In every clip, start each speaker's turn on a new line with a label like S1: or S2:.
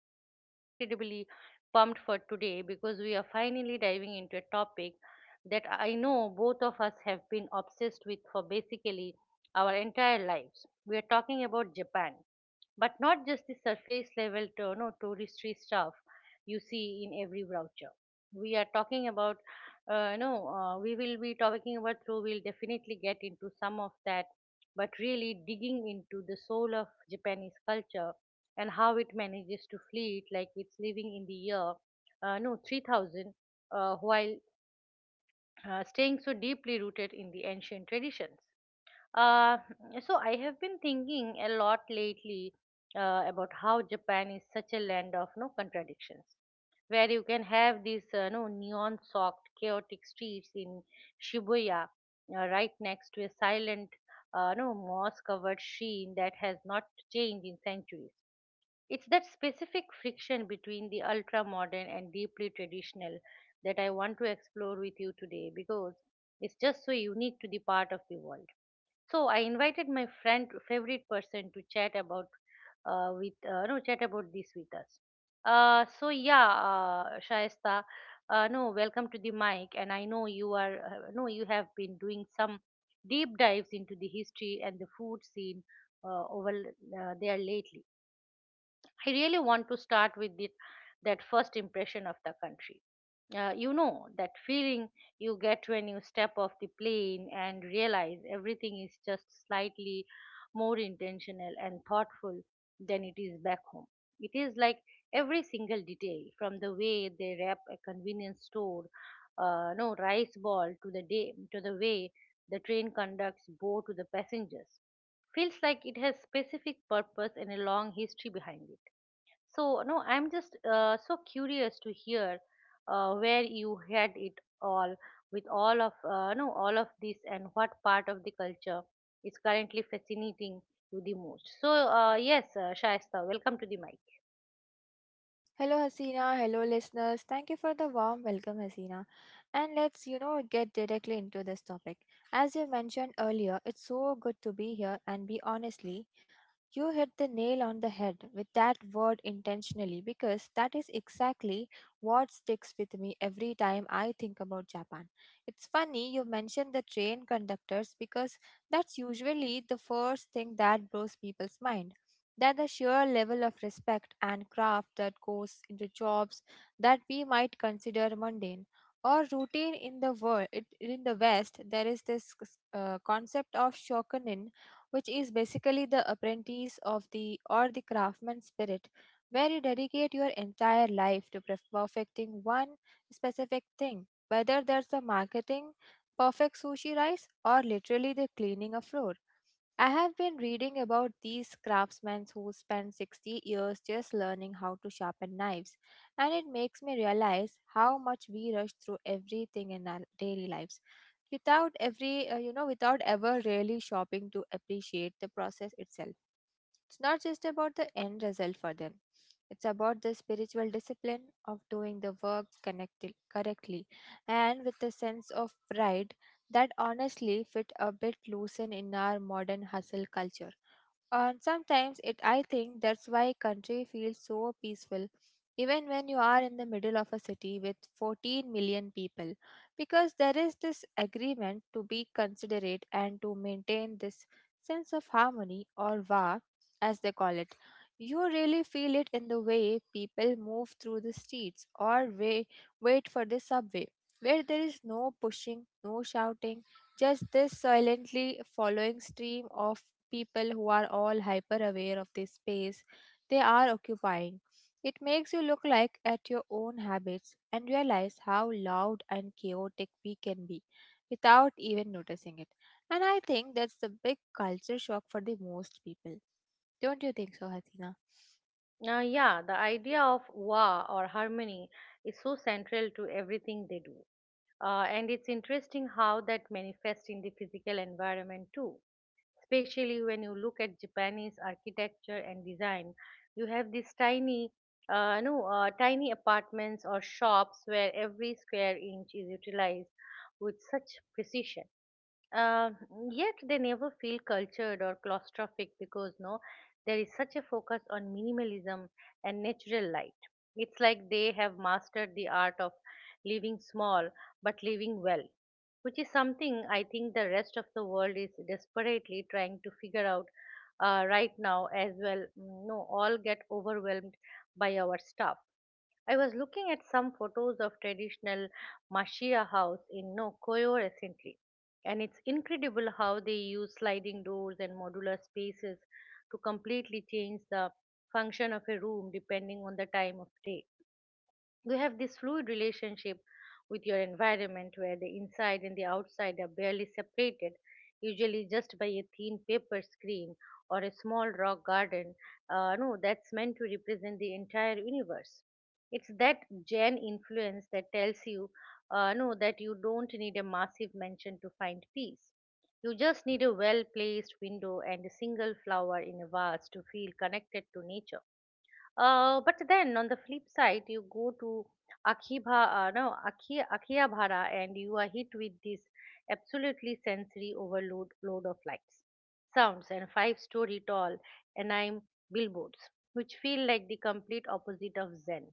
S1: I'm so incredibly pumped for today because we are finally diving into a topic that I know both of us have been obsessed with for basically our entire lives. We are talking about Japan, but not just the surface level to, no, touristy stuff you see in every brochure. We are talking about, no, we will be talking about, so we'll definitely get into some of that but really digging into the soul of Japanese culture and how it manages to fleet like it's living in the year no 3000, while staying so deeply rooted in the ancient traditions. Uh, so I have been thinking a lot lately about how Japan is such a land of no contradictions, where you can have these no neon-soaked, chaotic streets in Shibuya, right next to a silent, no moss-covered shrine that has not changed in centuries. It's that specific friction between the ultra-modern and deeply traditional that I want to explore with you today because it's just so unique to the part of the world. So I invited my friend, favorite person, to chat about with no chat about this with us. Uh, so yeah, uh, Shaista, no, welcome to the mic, and I know you are no, you have been doing some deep dives into the history and the food scene over there lately. I really want to start with that first impression of the country, that feeling you get when you step off the plane and realize everything is just slightly more intentional and thoughtful than it is back home. It is like every single detail, from the way they wrap a convenience store, no rice ball, to the way the train conducts bow to the passengers, feels like it has specific purpose and a long history behind it. So, no, I'm just so curious to hear where you had it all with all of no all of this and what part of the culture is currently fascinating you the most. Shaista, welcome to the mic.
S2: Hello, Hasina. Hello, listeners. Thank you for the warm welcome, Hasina. And let's get directly into this topic. As you mentioned earlier, it's so good to be here and be honestly you hit the nail on the head with that word intentionally, because that is exactly what sticks with me every time I think about Japan. It's funny you mentioned the train conductors, because that's usually the first thing that blows people's mind. That the sheer level of respect and craft that goes into jobs that we might consider mundane or routine in the world in the West, there is this concept of shokunin, which is basically the apprentice of the or the craftsman spirit, where you dedicate your entire life to perfecting one specific thing, whether that's the marketing, perfect sushi rice, or literally the cleaning a floor. I have been reading about these craftsmen who spent 60 years just learning how to sharpen knives, and it makes me realize how much we rush through everything in our daily lives without ever really shopping to appreciate the process itself. It's not just about the end result for them, it's about the spiritual discipline of doing the work correctly and with a sense of pride that honestly fit a bit loosen in our modern hustle culture. And sometimes it I think that's why country feels so peaceful even when you are in the middle of a city with 14 million people, because there is this agreement to be considerate and to maintain this sense of harmony or va, as they call it. You really feel it in the way people move through the streets or wait for the subway, where there is no pushing, no shouting, just this silently following stream of people who are all hyper aware of the space they are occupying. It makes you look like at your own habits and realize how loud and chaotic we can be without even noticing it. And I think that's the big culture shock for the most people. Don't you think so, Hatina?
S1: Yeah, the idea of wa or harmony is so central to everything they do. And it's interesting how that manifests in the physical environment too, especially when you look at Japanese architecture and design. You have these tiny, no, tiny apartments or shops where every square inch is utilized with such precision. Yet they never feel cultured or claustrophic because no, there is such a focus on minimalism and natural light. It's like they have mastered the art of living small but living well, which is something I think the rest of the world is desperately trying to figure out right now as well. No, all get overwhelmed by our stuff. I was looking at some photos of traditional Mashia house in Nokoyo recently, and it's incredible how they use sliding doors and modular spaces to completely change the function of a room depending on the time of day. You have this fluid relationship with your environment where the inside and the outside are barely separated, usually just by a thin paper screen or a small rock garden, no, that's meant to represent the entire universe. It's that Jan influence that tells you, no, that you don't need a massive mansion to find peace. You just need a well placed window and a single flower in a vase to feel connected to nature, but then on the flip side, you go to Akhiba, no, Akhi, Akhiabhara and you are hit with this absolutely sensory overload load of lights, sounds, and five-story tall anime billboards, which feel like the complete opposite of Zen.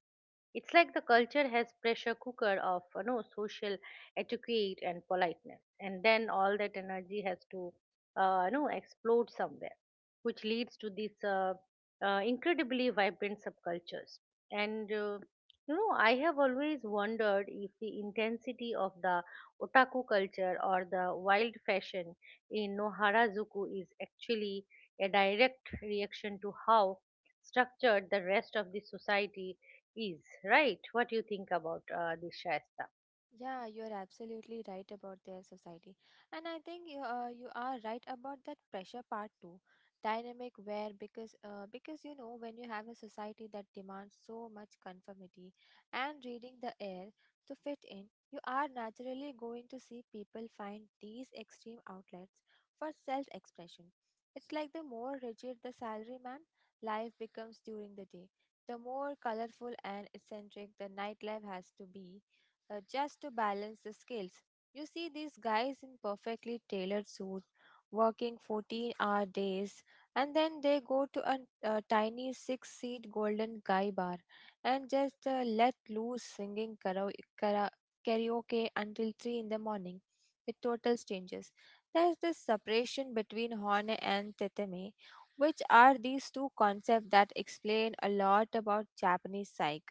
S1: It's like the culture has pressure cooker of social etiquette and politeness, and then all that energy has to, explode somewhere, which leads to these incredibly vibrant subcultures. And uh, I have always wondered if the intensity of the otaku culture or the wild fashion in Noharazuku is actually a direct reaction to how structured the rest of the society is, right? What do you think about this, shasta?
S2: Yeah, you're absolutely right about their society. And I think you are right about that pressure part too. Dynamic where because you know when you have a society that demands so much conformity and reading the air to fit in, you are naturally going to see people find these extreme outlets for self-expression. It's like the more rigid the salaryman life becomes during the day, the more colorful and eccentric the nightlife has to be, just to balance the skills. You see these guys in perfectly tailored suits working 14-hour days, and then they go to a tiny six-seat golden guy bar and just let loose singing kara- karaoke until 3 in the morning with total strangers. There's this separation between Hone and Teteme, which are these two concepts that explain a lot about Japanese psyche.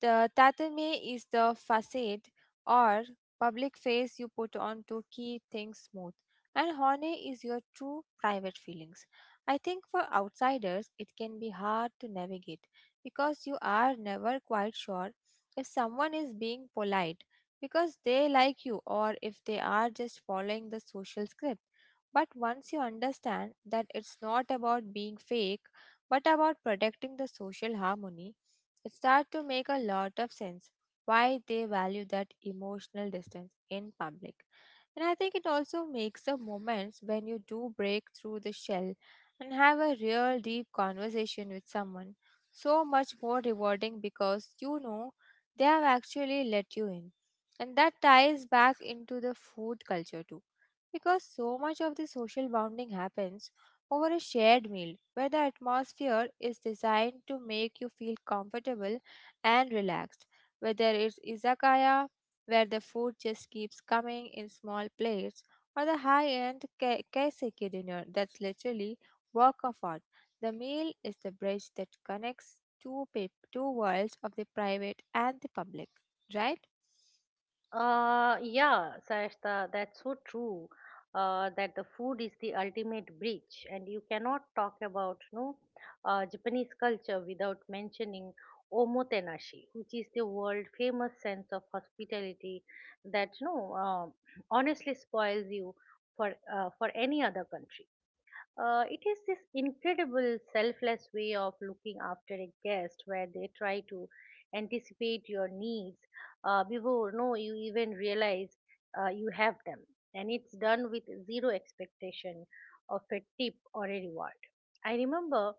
S2: The tatame is the facade or public face you put on to keep things smooth, and hone is your true private feelings. I think for outsiders, it can be hard to navigate because you are never quite sure if someone is being polite because they like you or if they are just following the social script. But once you understand that it's not about being fake but about protecting the social harmony, it starts to make a lot of sense why they value that emotional distance in public. And I think it also makes the moments when you do break through the shell and have a real deep conversation with someone so much more rewarding, because you know they have actually let you in. And that ties back into the food culture too. Because so much of the social bonding happens over a shared meal, where the atmosphere is designed to make you feel comfortable and relaxed. Whether it's izakaya, where the food just keeps coming in small plates, or the high end kaiseki dinner that's literally work of art. The meal is the bridge that connects two worlds of the private and the public, right?
S1: Yeah shasta, that's so true, that the food is the ultimate bridge and you cannot talk about japanese culture without mentioning omotenashi which is the world famous sense of hospitality that no uh, honestly spoils you for any other country. It is this incredible selfless way of looking after a guest where they try to anticipate your needs before no you even realize you have them, and it's done with zero expectation of a tip or a reward. I remember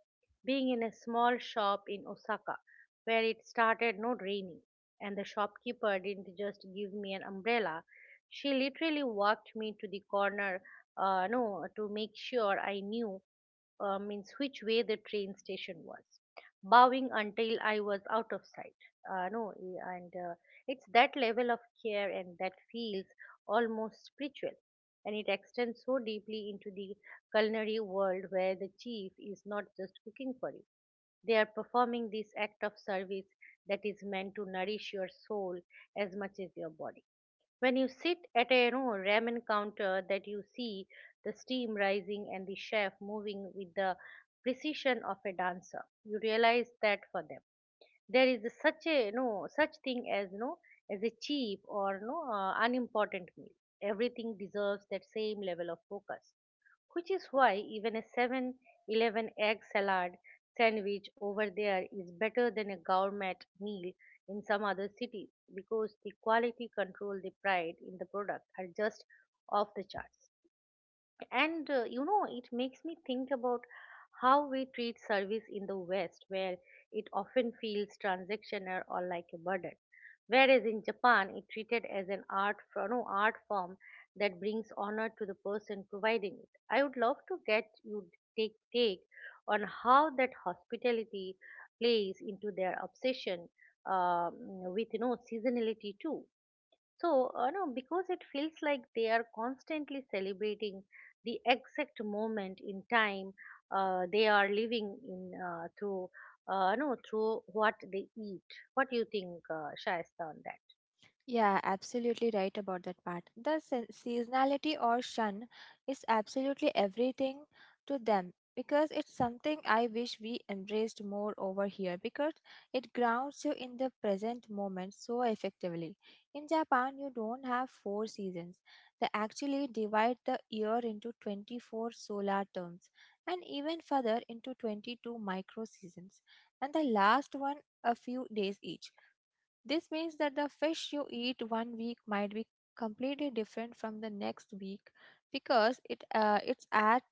S1: being in a small shop in osaka where it started no raining and the shopkeeper didn't just give me an umbrella, she literally walked me to the corner, no, to make sure I knew means which way the train station was, bowing until I was out of sight. No, e- and It's that level of care and that feels almost spiritual, and it extends so deeply into the culinary world where the chief is not just cooking for you; they are performing this act of service that is meant to nourish your soul as much as your body. When you sit at a, ramen counter, that you see the steam rising and the chef moving with the precision of a dancer, you realize that for them there is such thing as no as a cheap or no unimportant meal. Everything deserves that same level of focus, which is why even a 7-Eleven egg salad sandwich over there is better than a gourmet meal in some other cities because the quality control they pride in the product are just off the charts. And you know It makes me think about how we treat service in the west, where it often feels transactional or like a burden, whereas in japan it treated as an art for, no, art form that brings honor to the person providing it. I would love to get you take on how that hospitality plays into their obsession um, with, seasonality too, so, no, because it feels like they are constantly celebrating the exact moment in time they are living in through, no, through what they eat. What do you think, Shaista, on that?
S2: Yeah, absolutely right about that part. The seasonality or shun is absolutely everything to them, because it's something I wish we embraced more over here, because it grounds you in the present moment so effectively. In Japan, you don't have four seasons. They actually divide the year into 24 solar terms and even further into 22 micro seasons, and the last one a few days each. This means that the fish you eat one week might be completely different from the next week, because it's at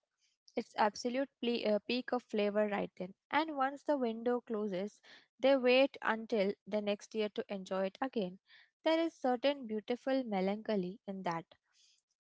S2: its absolute peak of flavor right then. And once the window closes, they wait until the next year to enjoy it again. There is certain beautiful melancholy in that.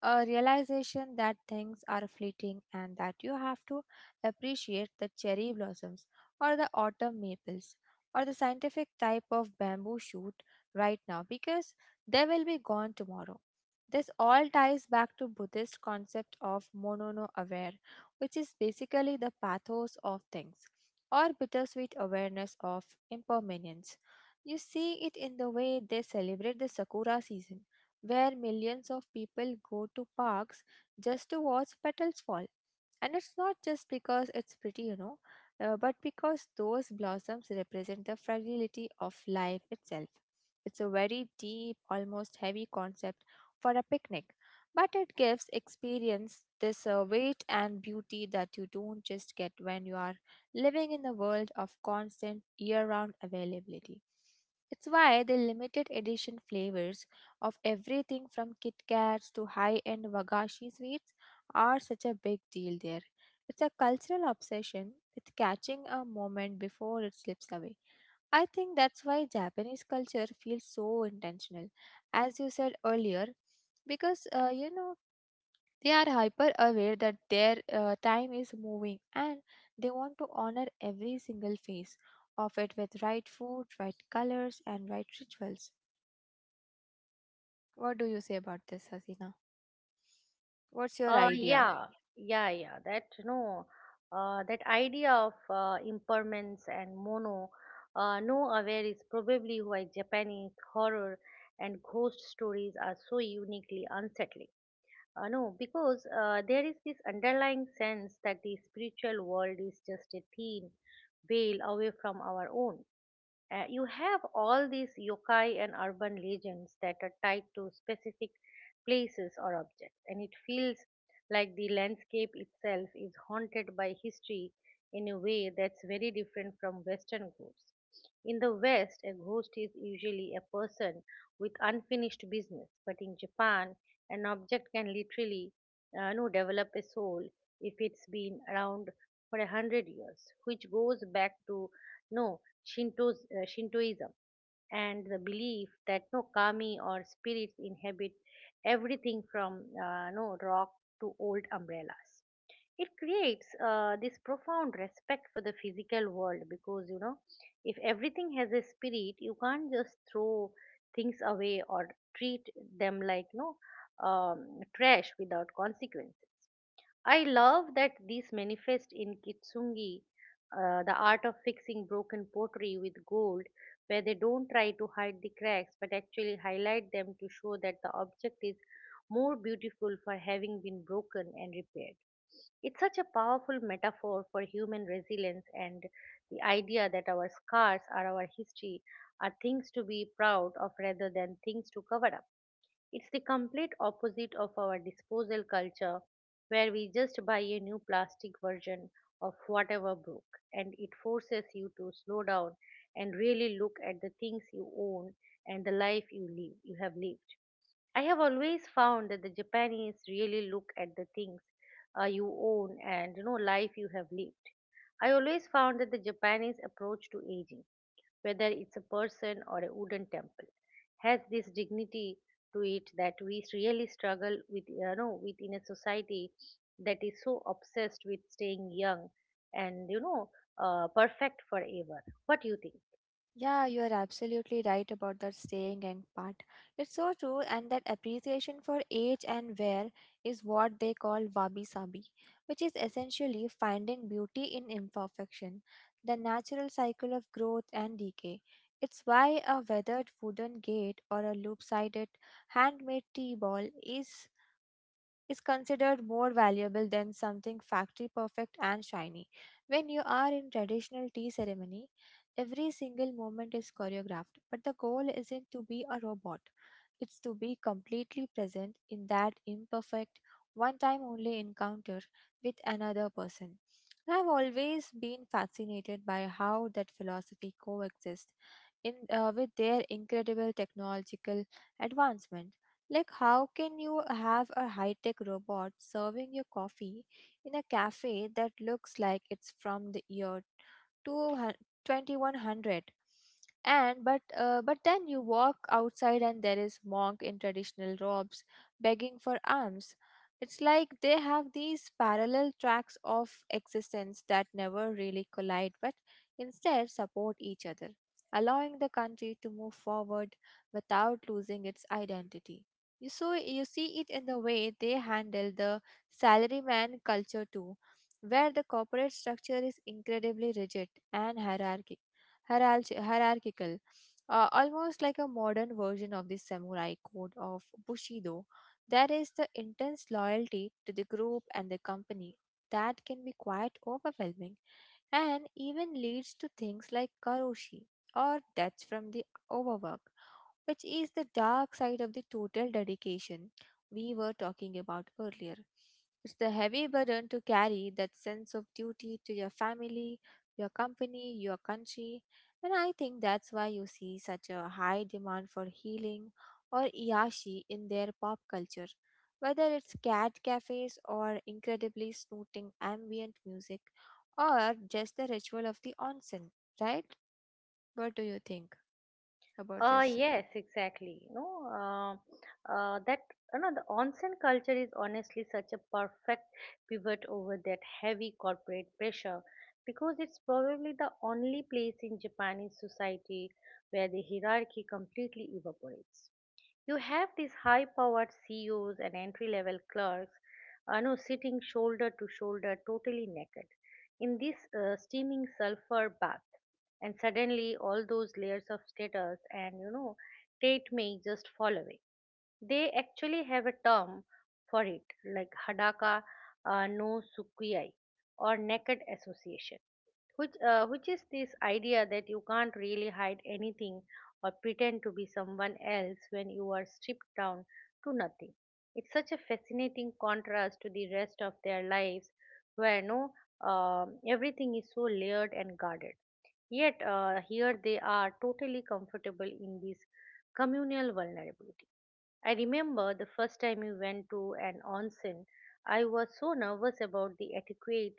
S2: A realization that things are fleeting and that you have to appreciate the cherry blossoms or the autumn maples or the scientific type of bamboo shoot right now, because they will be gone tomorrow. This all ties back to Buddhist concept of mono no aware, which is basically the pathos of things or bittersweet awareness of impermanence. You see it in the way they celebrate the sakura season, where millions of people go to parks just to watch petals fall. And it's not just because it's pretty, but because those blossoms represent the fragility of life itself. It's a very deep, almost heavy concept for a picnic, but it gives experience this weight and beauty that you don't just get when you are living in the world of constant year round availability. It's why the limited edition flavors of everything from Kit Kats to high end Wagashi sweets are such a big deal there. It's a cultural obsession with catching a moment before it slips away. I think that's why Japanese culture feels so intentional, as you said earlier, because you know they are hyper aware that their time is moving, and they want to honor every single phase of it with right food, right colors, and right rituals. What do you say about this, Hasina? What's your
S1: Uh,
S2: idea?
S1: yeah, yeah. That, no, that idea of, impermanence and mono, no aware is probably why Japanese horror and ghost stories are so uniquely unsettling, no, because there is this underlying sense that the spiritual world is just a thin veil away from our own. You have all these yokai and urban legends that are tied to specific places or objects, and it feels like the landscape itself is haunted by history in a way that's very different from Western ghosts. In the West, a ghost is usually a person with unfinished business, but in Japan, an object can literally, no, develop a soul if it's been around for a hundred years, which goes back to no Shintos, Shintoism and the belief that no kami or spirits inhabit everything from no rock to old umbrellas. It creates this profound respect for the physical world because you know if everything has a spirit, you can't just throw things away or treat them like trash without consequences. I love that these manifest in Kitsungi, the art of fixing broken pottery with gold, where they don't try to hide the cracks but actually highlight them to show that the object is more beautiful for having been broken and repaired. It's such a powerful metaphor for human resilience and the idea that our scars are our history, are things to be proud of rather than things to cover up. It's the complete opposite of our disposal culture, where we just buy a new plastic version of whatever broke, and it forces you to slow down and really look at the things you own and the life you have lived. I have always found that the Japanese really look at the things you own and life you have lived. I always found that the Japanese approach to aging, whether it's a person or a wooden temple, has this dignity to it that we really struggle with, you know, within a society that is so obsessed with staying young and perfect forever. What do you think?
S2: Yeah, you are absolutely right about that staying and part. It's so true, and that appreciation for age and wear is what they call wabi sabi, which is essentially finding beauty in imperfection, the natural cycle of growth and decay. It's why a weathered wooden gate or a loop sided handmade tea ball is considered more valuable than something factory perfect and shiny. When you are in traditional tea ceremony, every single moment is choreographed, but the goal isn't to be a robot. It's to be completely present in that imperfect, one time only encounter with another person. And I've always been fascinated by how that philosophy coexists with their incredible technological advancement. Like, how can you have a high tech robot serving you coffee in a cafe that looks like it's from the year 200 twenty-one hundred. And but then you walk outside and there is monk in traditional robes begging for alms. It's like they have these parallel tracks of existence that never really collide but instead support each other, allowing the country to move forward without losing its identity. You so you see it in the way they handle the salaryman culture too, where the corporate structure is incredibly rigid and hierarchical, almost like a modern version of the samurai code of Bushido. There is the intense loyalty to the group and the company that can be quite overwhelming and even leads to things like karoshi or deaths from the overwork, which is the dark side of the total dedication we were talking about earlier. It's the heavy burden to carry that sense of duty to your family, your company, your country, and I think that's why you see such a high demand for healing or iashi in their pop culture. Whether it's cat cafes or incredibly snooting ambient music or just the ritual of the onsen, right? What do you think about this?
S1: Yes, exactly. That the onsen culture is honestly such a perfect pivot over that heavy corporate pressure, because it's probably the only place in Japanese society where the hierarchy completely evaporates. You have these high-powered CEOs and entry-level clerks, no, sitting shoulder to shoulder, totally naked in this steaming sulfur bath, and suddenly all those layers of status and state may just fall away. They actually have a term for it, like hadaka no sukuyai, or naked association, which is this idea that you can't really hide anything or pretend to be someone else when you are stripped down to nothing. It's such a fascinating contrast to the rest of their lives, where no, everything is so layered and guarded. Yet here they are, totally comfortable in this communal vulnerability. I remember the first time we went to an onsen, I was so nervous about the etiquette,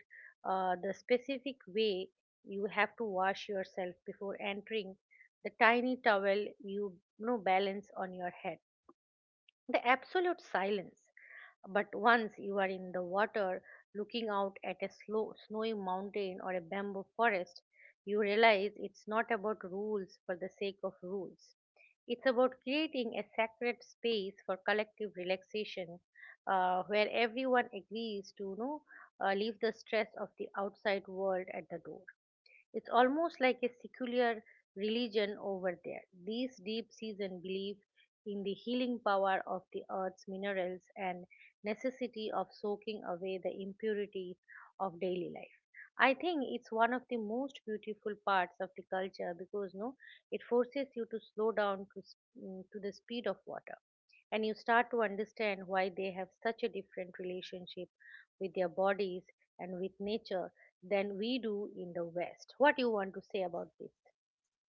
S1: the specific way you have to wash yourself before entering, the tiny towel you, you know balance on your head, the absolute silence. But once you are in the water, looking out at a slow, snowy mountain or a bamboo forest, you realize it's not about rules for the sake of rules. It's about creating a sacred space for collective relaxation, where everyone agrees to leave the stress of the outside world at the door. It's almost like a secular religion over there. These deep season belief in the healing power of the earth's minerals and necessity of soaking away the impurities of daily life. I think it's one of the most beautiful parts of the culture, because no, it forces you to slow down to the speed of water, and you start to understand why they have such a different relationship with their bodies and with nature than we do in the West. What do you want to say about this?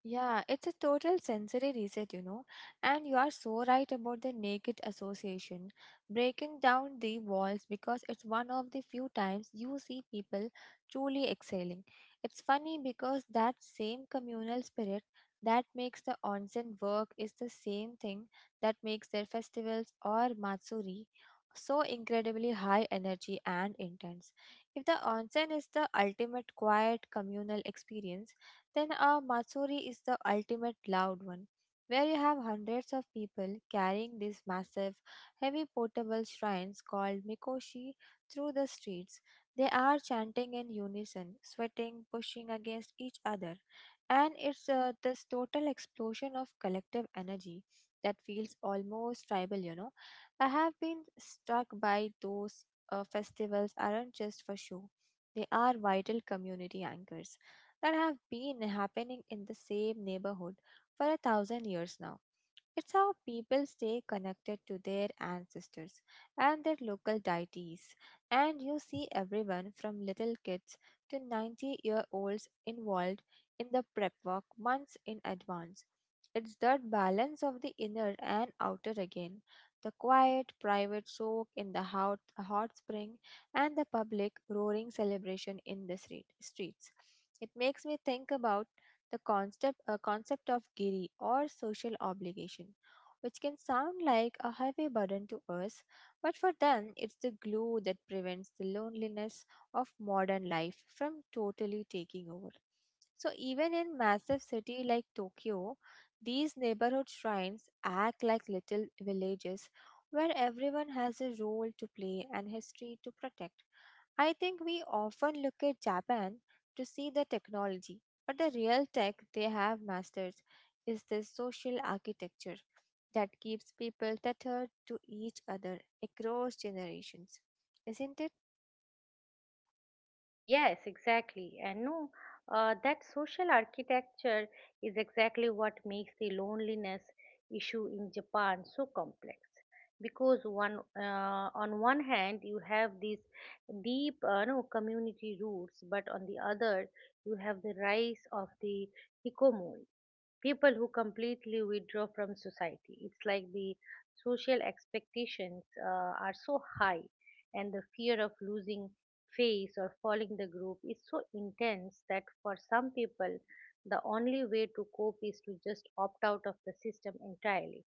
S2: Yeah, it's a total sensory reset, you know. And you are so right about the naked association. Breaking down the walls because it's one of the few times you see people truly exhaling. It's funny because that same communal spirit that makes the onsen work is the same thing that makes their festivals or matsuri so incredibly high energy and intense. If the onsen is the ultimate quiet communal experience, then a matsuri is the ultimate loud one, where you have hundreds of people carrying these massive, heavy portable shrines called mikoshi through the streets. They are chanting in unison, sweating, pushing against each other, and it's this total explosion of collective energy that feels almost tribal, you know. I have been struck by those festivals aren't just for show. They are vital community anchors that have been happening in the same neighborhood for 1,000 years now. It's how people stay connected to their ancestors and their local deities, and you see everyone from little kids to 90 year olds involved in the prep work months in advance. It's that balance of the inner and outer again, the quiet, private soak in the hot, hot spring and the public roaring celebration in the streets. It makes me think about the concept of giri or social obligation, which can sound like a heavy burden to us, but for them it's the glue that prevents the loneliness of modern life from totally taking over. So even in massive city like Tokyo, these neighborhood shrines act like little villages where everyone has a role to play and history to protect. I think we often look at Japan to see the technology, but the real tech they have mastered is this social architecture that keeps people tethered to each other across generations, isn't it?
S1: Yes, exactly. And no, that social architecture is exactly what makes the loneliness issue in Japan so complex. Because on one hand, you have these deep, no, community roots, but on the other, you have the rise of the hikikomori, people who completely withdraw from society. It's like the social expectations are so high, and the fear of losing face or falling the group is so intense that for some people, the only way to cope is to just opt out of the system entirely.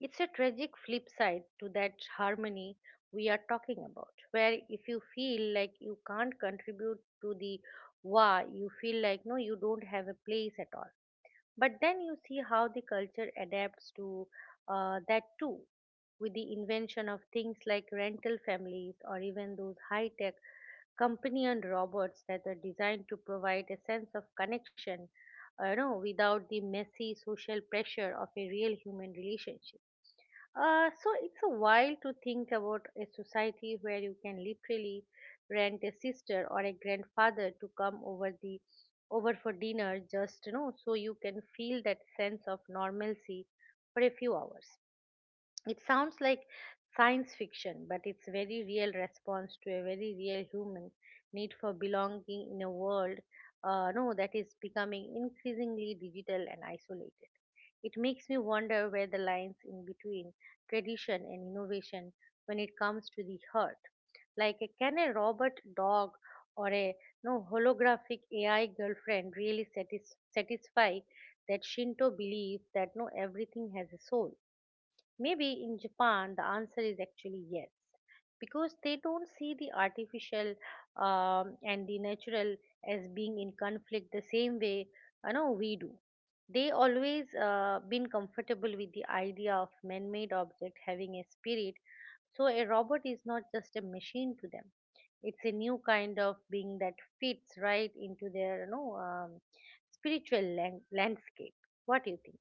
S1: It's a tragic flip side to that harmony we are talking about, where if you feel like you can't contribute to the wa, you feel like no, you don't have a place at all. But then you see how the culture adapts to that too, with the invention of things like rental families or even those high tech companion robots that are designed to provide a sense of connection, without the messy social pressure of a real human relationship. So it's a while to think about a society where you can literally rent a sister or a grandfather to come over for dinner, just so you can feel that sense of normalcy for a few hours. It sounds like science fiction, but it's very real response to a very real human need for belonging in a world no that is becoming increasingly digital and isolated. It makes me wonder where the lines in between tradition and innovation when it comes to the heart. Like, can a robot dog or a no holographic AI girlfriend really satisfy that Shinto belief that no, everything has a soul? Maybe in Japan the answer is actually yes, because they don't see the artificial and the natural as being in conflict the same way we do. They always been comfortable with the idea of man-made object having a spirit, so a robot is not just a machine to them. It's a new kind of being that fits right into their spiritual landscape. What do you think?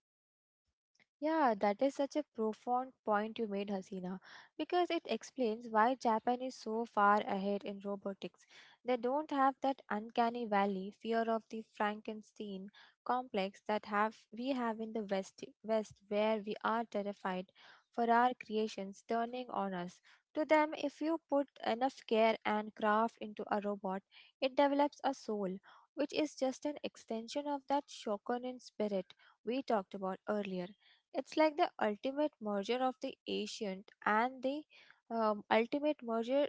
S2: Yeah, that is such a profound point you made, Hasina, because it explains why Japan is so far ahead in robotics. They don't have that uncanny valley fear of the Frankenstein complex that have we have in the West where we are terrified for our creations turning on us. To them, if you put enough care and craft into a robot, it develops a soul, which is just an extension of that Shokunin spirit we talked about earlier. It's like the ultimate merger of the ancient and the ultimate merger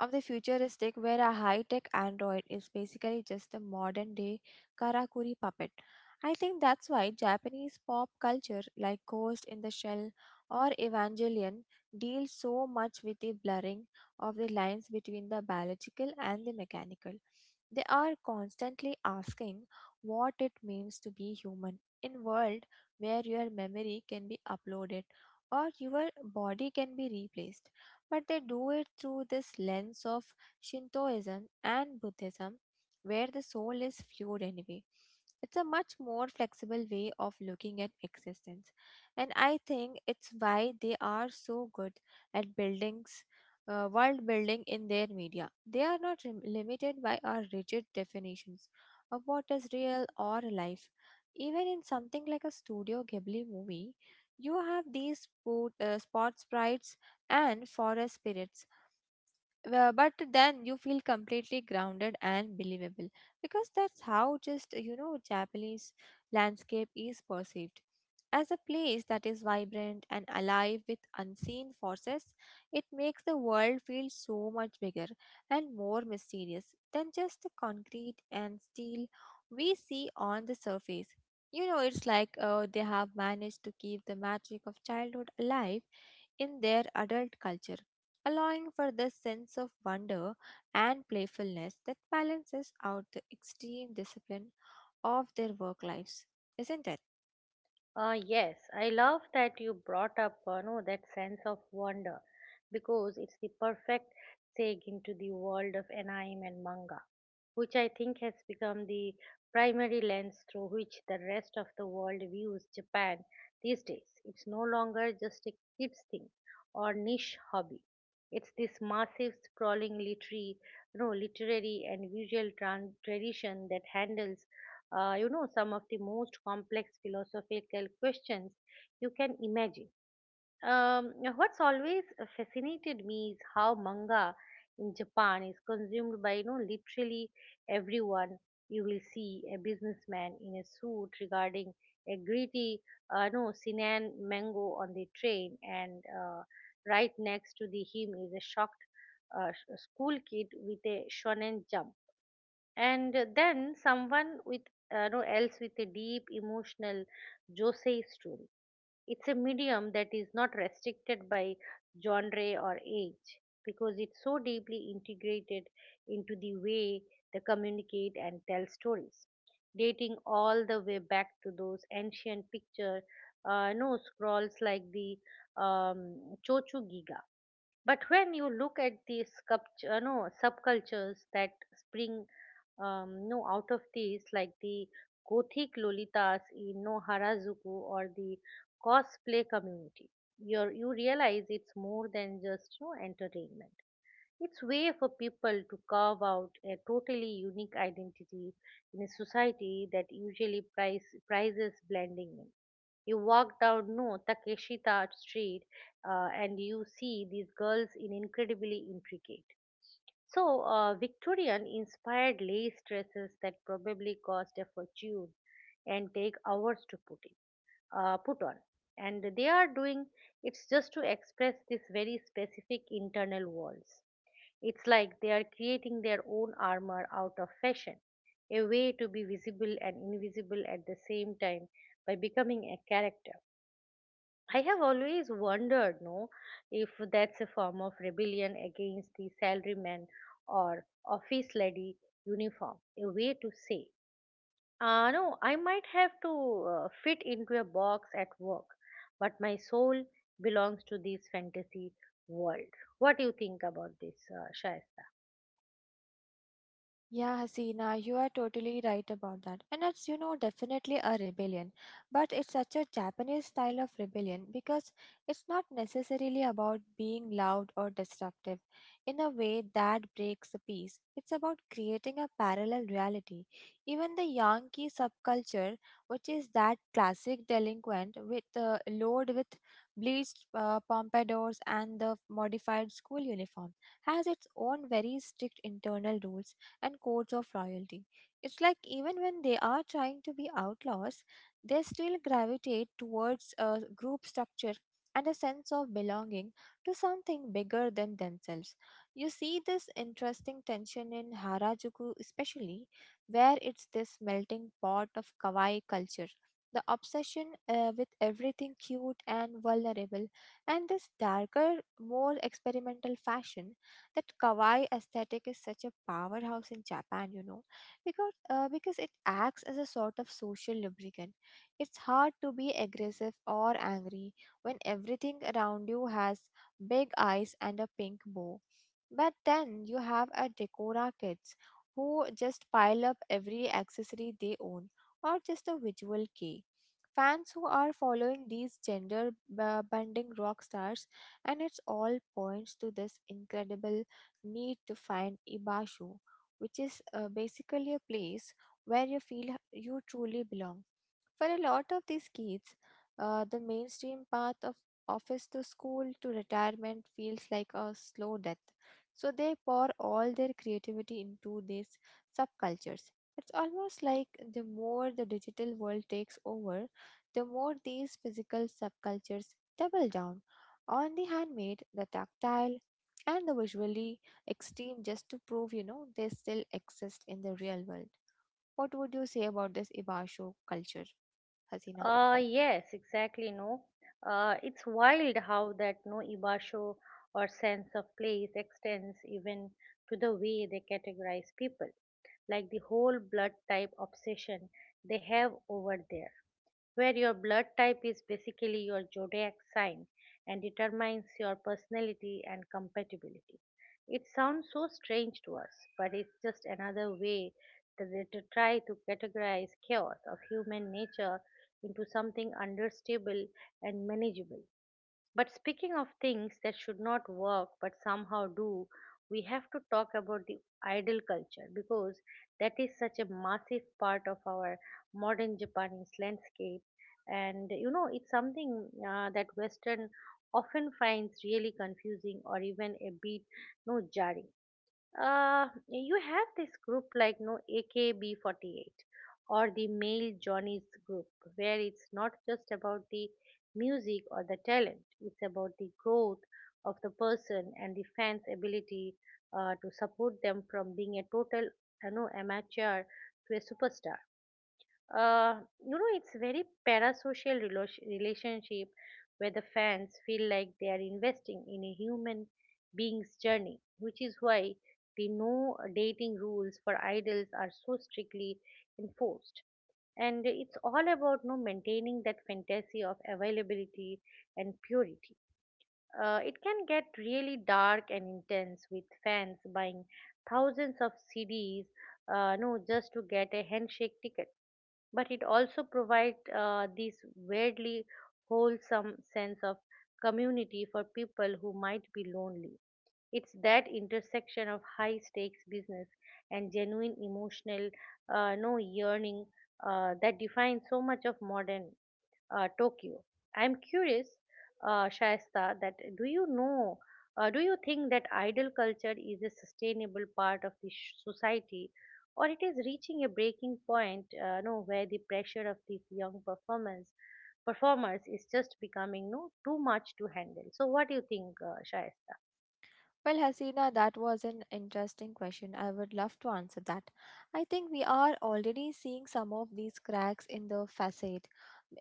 S2: of the futuristic, where a high-tech android is basically just a modern-day karakuri puppet. I think that's why Japanese pop culture like Ghost in the Shell or Evangelion deals so much with the blurring of the lines between the biological and the mechanical. They are constantly asking what it means to be human in world where your memory can be uploaded or your body can be replaced, but they do it through this lens of Shintoism and Buddhism, where the soul is fluid anyway. It's a much more flexible way of looking at existence, and I think it's why they are so good at buildings. World building in their media. They are not limited by our rigid definitions of what is real or life. Even in something like a Studio Ghibli movie, you have these spot, spot sprites and forest spirits. But then you feel completely grounded and believable because that's how just you know Japanese landscape is perceived as a place that is vibrant and alive with unseen forces. It makes the world feel so much bigger and more mysterious than just the concrete and steel we see on the surface. You know, it's like they have managed to keep the magic of childhood alive in their adult culture, allowing for this sense of wonder and playfulness that balances out the extreme discipline of their work lives, isn't it?
S1: Yes, I love that you brought up no, that sense of wonder, because it's the perfect segue into the world of anime and manga, which I think has become the primary lens through which the rest of the world views Japan these days. It's no longer just a kids thing or niche hobby. It's this massive, sprawling literary, no, literary and visual tradition that handles, some of the most complex philosophical questions you can imagine. What's always fascinated me is how manga in Japan is consumed by literally everyone. You will see a businessman in a suit regarding a gritty no Sinan mango on the train, and right next to the him is a shocked school kid with a shonen jump, and then someone with no else with a deep emotional josei story. It's a medium that is not restricted by genre or age, because it's so deeply integrated into the way they communicate and tell stories, dating all the way back to those ancient picture no scrolls, like the um, Chochu Giga. But when you look at these no, subcultures that spring no out of these, like the gothic lolitas in no harajuku, or the cosplay community, you realize it's more than just entertainment. It's way for people to carve out a totally unique identity in a society that usually prizes blending in. You walk down no takeshita street, and you see these girls in incredibly intricate, Victorian inspired lace dresses that probably cost a fortune and take hours to put on. And they are doing it's just to express this very specific internal walls. It's like they are creating their own armor out of fashion, a way to be visible and invisible at the same time by becoming a character. I have always wondered, no, if that's a form of rebellion against the salaryman or office lady uniform, a way to say, "Ah, no, I might have to fit into a box at work, but my soul belongs to this fantasy world." What do you think about this, Shaz?
S2: Yeah, Hasina, you are totally right about that. And it's, you know, definitely a rebellion. But it's such a Japanese style of rebellion because it's not necessarily about being loud or disruptive in a way that breaks the peace. It's about creating a parallel reality. Even the Yankee subculture, which is that classic delinquent with load with bleached pompadours and the modified school uniform, has its own very strict internal rules and codes of loyalty. It's like even when they are trying to be outlaws, they still gravitate towards a group structure and a sense of belonging to something bigger than themselves. You see this interesting tension in Harajuku, especially, where it's this melting pot of kawaii culture. The obsession with everything cute and vulnerable, and this darker, more experimental fashion, that kawaii aesthetic is such a powerhouse in Japan, you know, because because it acts as a sort of social lubricant. It's hard to be aggressive or angry when everything around you has big eyes and a pink bow. But then you have a Decora kids who just pile up every accessory they own, or just a visual key. Fans who are following these gender bending rock stars, and it's all points to this incredible need to find Ibashu, which is basically a place where you feel you truly belong. For a lot of these kids, the mainstream path of office to school to retirement feels like a slow death. So they pour all their creativity into these subcultures. It's almost like the more the digital world takes over, the more these physical subcultures double down on the handmade, the tactile, and the visually extreme, just to prove, you know, they still exist in the real world. What would you say about this Ibasho culture, Hasina?
S1: Yes, exactly. No, it's wild how that no ibasho, or sense of place, extends even to the way they categorize people, like the whole blood type obsession they have over there, where your blood type is basically your zodiac sign and determines your personality and compatibility. It sounds so strange to us, but it's just another way that they to try to categorize chaos of human nature into something understandable and manageable. But speaking of things that should not work but somehow do, we have to talk about the idol culture, because that is such a massive part of our modern Japanese landscape. And you know, it's something that Western often finds really confusing or even a bit no jarring. You have this group like no AKB48 or the male Johnny's group, where it's not just about the music or the talent. It's about the growth of the person and the fans ability to support them from being a total amateur to a superstar. uh, it's very parasocial relationship, where the fans feel like they are investing in a human being's journey, which is why the no dating rules for idols are so strictly enforced, and it's all about no maintaining that fantasy of availability and purity. It can get really dark and intense with fans buying thousands of CDs, no just to get a handshake ticket, but it also provides this weirdly wholesome sense of community for people who might be lonely. It's that intersection of high stakes business and genuine emotional no yearning that defines so much of modern Tokyo. I'm curious, Shaista, that do you know, do you think that idol culture is a sustainable part of the society, or it is reaching a breaking point, no, where the pressure of these young performers is just becoming no too much to handle. So, what do you think, Shaista?
S2: Well, Hasina, that was an interesting question. I would love to answer that. I think we are already seeing some of these cracks in the facade,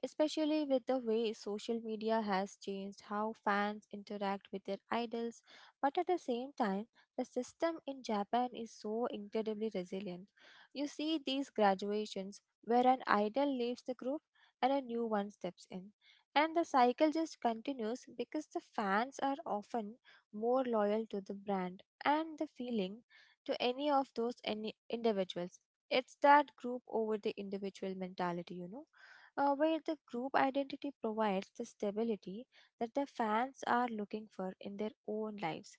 S2: especially with the way social media has changed how fans interact with their idols. But at the same time, the system in Japan is so incredibly resilient. You see these graduations where an idol leaves the group and a new one steps in. And the cycle just continues because the fans are often more loyal to the brand and the feeling to any of those any individuals. It's that group over the individual mentality, you know, where the group identity provides the stability that the fans are looking for in their own lives.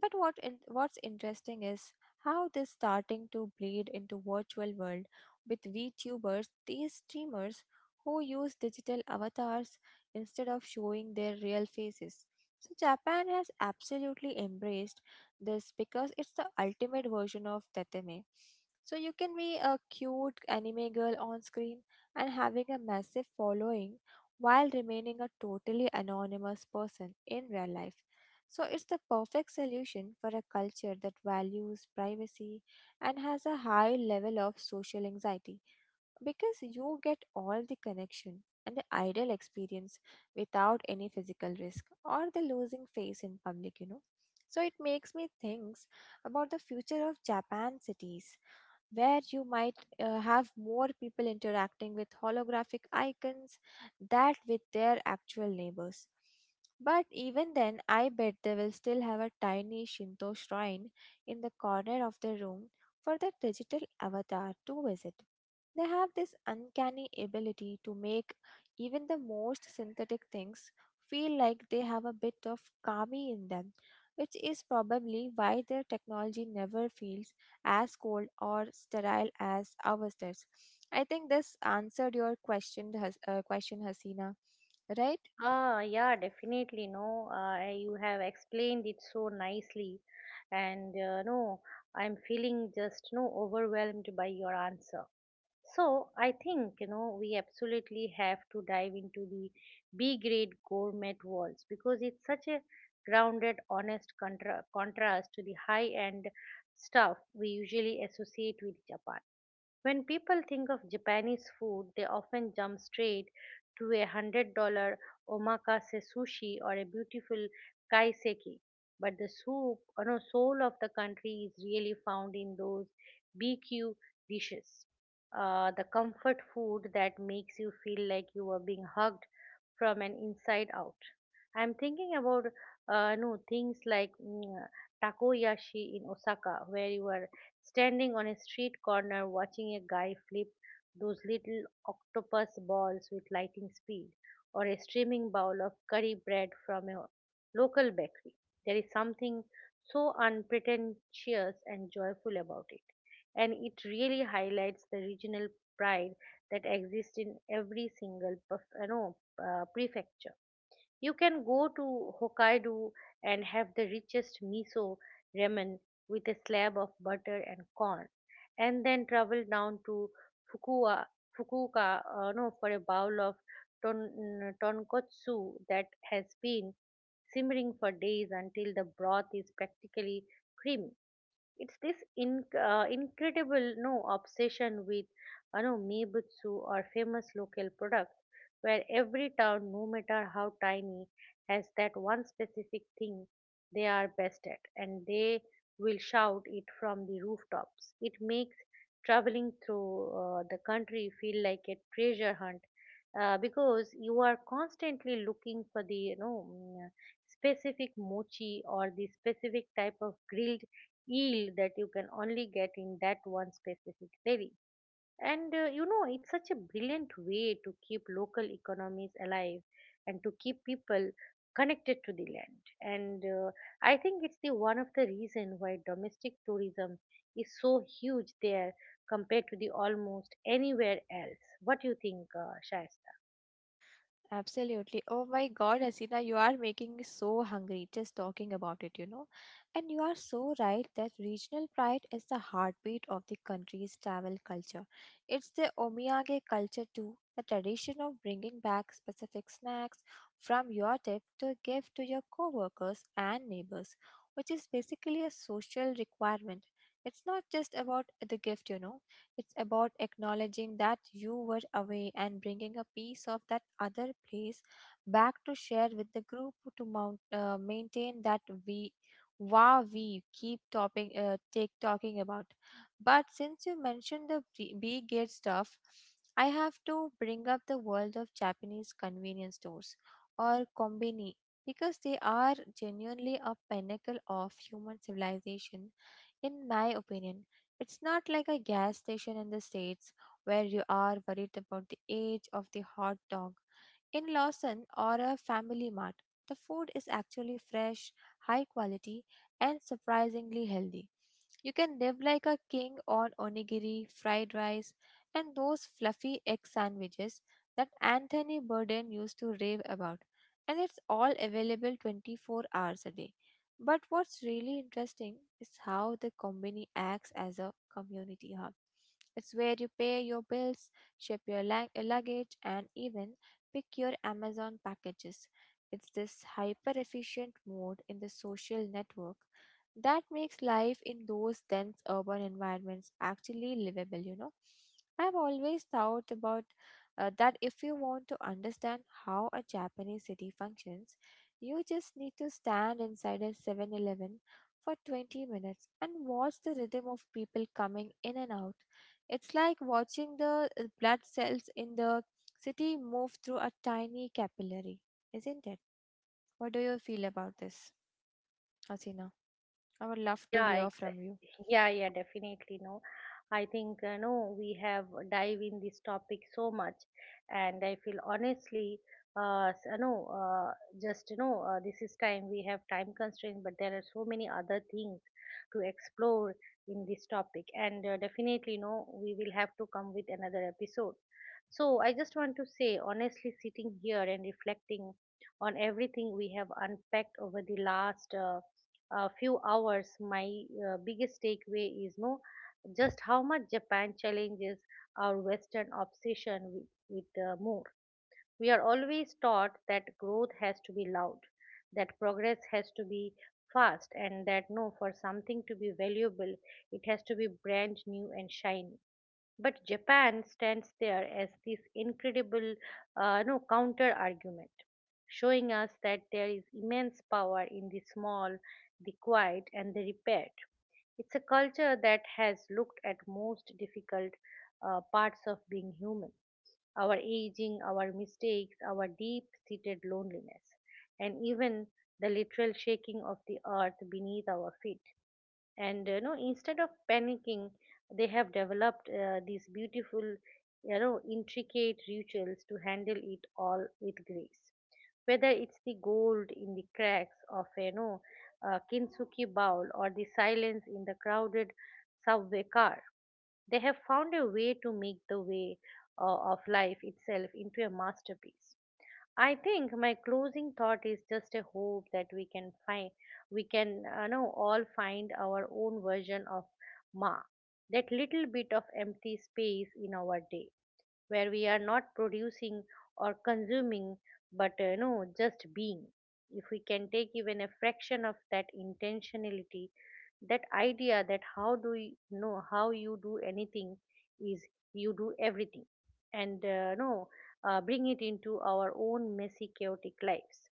S2: But what's interesting is how this starting to bleed into virtual world with VTubers, these streamers who use digital avatars instead of showing their real faces. So Japan has absolutely embraced this because it's the ultimate version of tetame. So you can be a cute anime girl on screen and having a massive following while remaining a totally anonymous person in real life. So it's the perfect solution for a culture that values privacy and has a high level of social anxiety, because you get all the connection and the ideal experience without any physical risk or the losing face in public, you know. So it makes me think about the future of Japan cities where you might have more people interacting with holographic icons that with their actual neighbors. But even then, I bet they will still have a tiny Shinto shrine in the corner of the room for their digital avatar to visit. They have this uncanny ability to make even the most synthetic things feel like they have a bit of kami in them, which is probably why their technology never feels as cold or sterile as ours does. I think this answered your question, Hasina, right?
S1: Ah, yeah, definitely. No, you have explained it so nicely, and no, I'm feeling just no overwhelmed by your answer. So I think we absolutely have to dive into the B grade gourmet walls, because it's such a grounded, honest contrast to the high end stuff we usually associate with Japan. When people think of Japanese food, they often jump straight to $100 omakase sushi or a beautiful kaiseki. But the soup, or no, soul of the country is really found in those BQ dishes. The comfort food that makes you feel like you are being hugged from an inside out. I'm thinking about no things like takoyashi in Osaka, where you are standing on a street corner watching a guy flip those little octopus balls with lightning speed, or a steaming bowl of curry bread from a local bakery. There is something so unpretentious and joyful about it, and it really highlights the regional pride that exists in every single perf- no, prefecture. You can go to Hokkaido and have the richest miso ramen with a slab of butter and corn, and then travel down to Fukua, Fukuoka no, for a bowl of tonkotsu that has been simmering for days until the broth is practically creamy. It's this incredible no obsession with meibutsu, or famous local product, where every town, no matter how tiny, has that one specific thing they are best at, and they will shout it from the rooftops. It makes traveling through the country feel like a treasure hunt, because you are constantly looking for the specific mochi or the specific type of grilled yield that you can only get in that one specific dairy. And you know, it's such a brilliant way to keep local economies alive and to keep people connected to the land. And I think it's the one of the reason why domestic tourism is so huge there compared to the almost anywhere else. What do you think, Shayesta?
S2: Absolutely. Oh my God, Hasina, you are making me so hungry just talking about it, you know. And you are so right that regional pride is the heartbeat of the country's travel culture. It's the omiyage culture too, the tradition of bringing back specific snacks from your trip to give to your coworkers and neighbors, which is basically a social requirement. It's not just about the gift, you know. It's about acknowledging that you were away and bringing a piece of that other place back to share with the group to maintain that we wow we keep topping take talking about. But since you mentioned the B gate stuff, I have to bring up the world of Japanese convenience stores or kombini, because they are genuinely a pinnacle of human civilization in my opinion. It's not like a gas station in the States where you are worried about the age of the hot dog. In Lawson or a Family Mart, the food is actually fresh, high quality, and surprisingly healthy. You can live like a king on onigiri, fried rice, and those fluffy egg sandwiches that Anthony Bourdain used to rave about. And it's all available 24 hours a day. But what's really interesting is how the company acts as a community hub. It's where you pay your bills, ship your luggage, and even pick your Amazon packages. It's this hyper efficient mode in the social network that makes life in those dense urban environments actually livable, you know. I've always thought about that if you want to understand how a Japanese city functions, you just need to stand inside a 7 Eleven for 20 minutes and watch the rhythm of people coming in and out. It's like watching the blood cells in the city move through a tiny capillary, isn't it? What do you feel about this, Asina? I would love to
S1: Yeah,
S2: hear from you.
S1: exactly. Yeah, yeah, definitely. No, I think no, we have dive in this topic so much, and I feel honestly, s- no, just this is time, we have time constraint, but there are so many other things to explore in this topic, and definitely, no, we will have to come with another episode. So I just want to say, honestly, sitting here and reflecting on everything we have unpacked over the last few hours, my biggest takeaway is no just how much Japan challenges our Western obsession with more. We are always taught that growth has to be loud, that progress has to be fast, and that no, for something to be valuable, it has to be brand new and shiny. But Japan stands there as this incredible no, counter argument, showing us that there is immense power in the small, the quiet, and the repaired. It's a culture that has looked at most difficult parts of being human, our aging, our mistakes, our deep seated loneliness, and even the literal shaking of the earth beneath our feet. And you know, instead of panicking, they have developed these beautiful, you know, intricate rituals to handle it all with grace, whether it's the gold in the cracks of, you know, a kintsugi bowl, or the silence in the crowded subway car. They have found a way to make the way of life itself into a masterpiece. I think my closing thought is just a hope that we can, know, all find our own version of Ma. That little bit of empty space in our day, where we are not producing or consuming, but just being. If we can take even a fraction of that intentionality, that idea that how do you know how you do anything is you do everything, and no bring it into our own messy chaotic lives,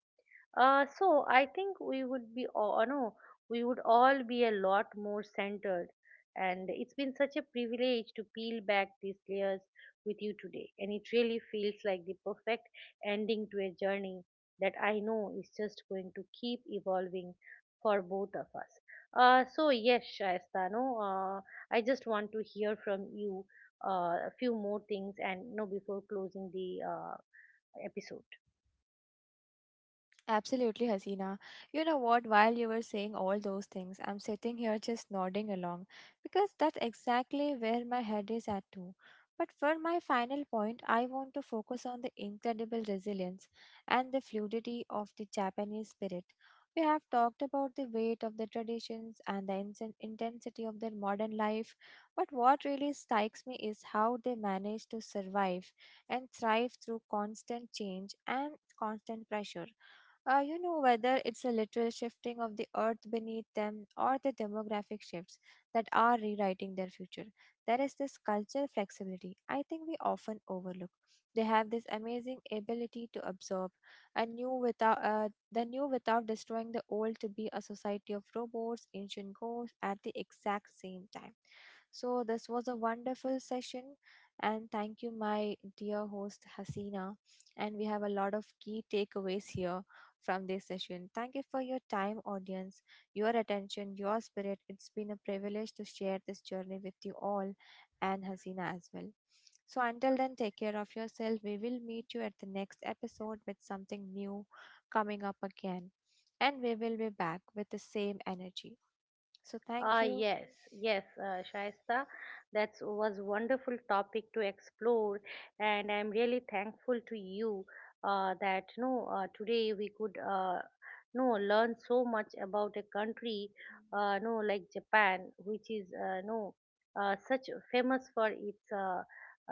S1: so I think we would be all no, we would all be a lot more centered. And it's been such a privilege to peel back these layers with you today. And it really feels like the perfect ending to a journey that I know is just going to keep evolving for both of us. So yes, Shaista, no, I just want to hear from you a few more things, and no, before closing the episode.
S2: Absolutely, Hasina. You know what? While you were saying all those things, I'm sitting here just nodding along because that's exactly where my head is at too. But for my final point, I want to focus on the incredible resilience and the fluidity of the Japanese spirit. We have talked about the weight of the traditions and the intensity of their modern life, but what really strikes me is how they manage to survive and thrive through constant change and constant pressure. You know, whether it's a literal shifting of the earth beneath them or the demographic shifts that are rewriting their future, there is this cultural flexibility I think we often overlook. They have this amazing ability to absorb a new without the new without destroying the old, to be a society of robots, ancient ghosts at the exact same time. So this was a wonderful session, and thank you, my dear host Hasina. And we have a lot of key takeaways here from this session. Thank you for your time, audience, your attention, your spirit. It's been a privilege to share this journey with you all, and Hasina as well. So, until then, take care of yourself. We will meet you at the next episode with something new coming up again. And we will be back with the same energy. So, thank
S1: Ah,
S2: you.
S1: yes, yes, Shaista, that was wonderful topic to explore, and I'm really thankful to you that no today we could, no learn so much about a country no like Japan, which is no such famous for its uh,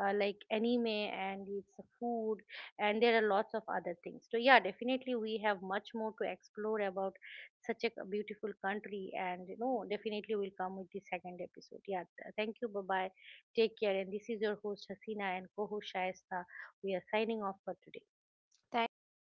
S1: uh, like anime and its food, and there are lots of other things. So yeah, definitely we have much more to explore about such a beautiful country, and you know, definitely we will come with the second episode. Yeah, thank you. Bye bye, take care. And this is your host Hasina and co-host Shaista. We are signing off for today.
S2: Thank you. Bye.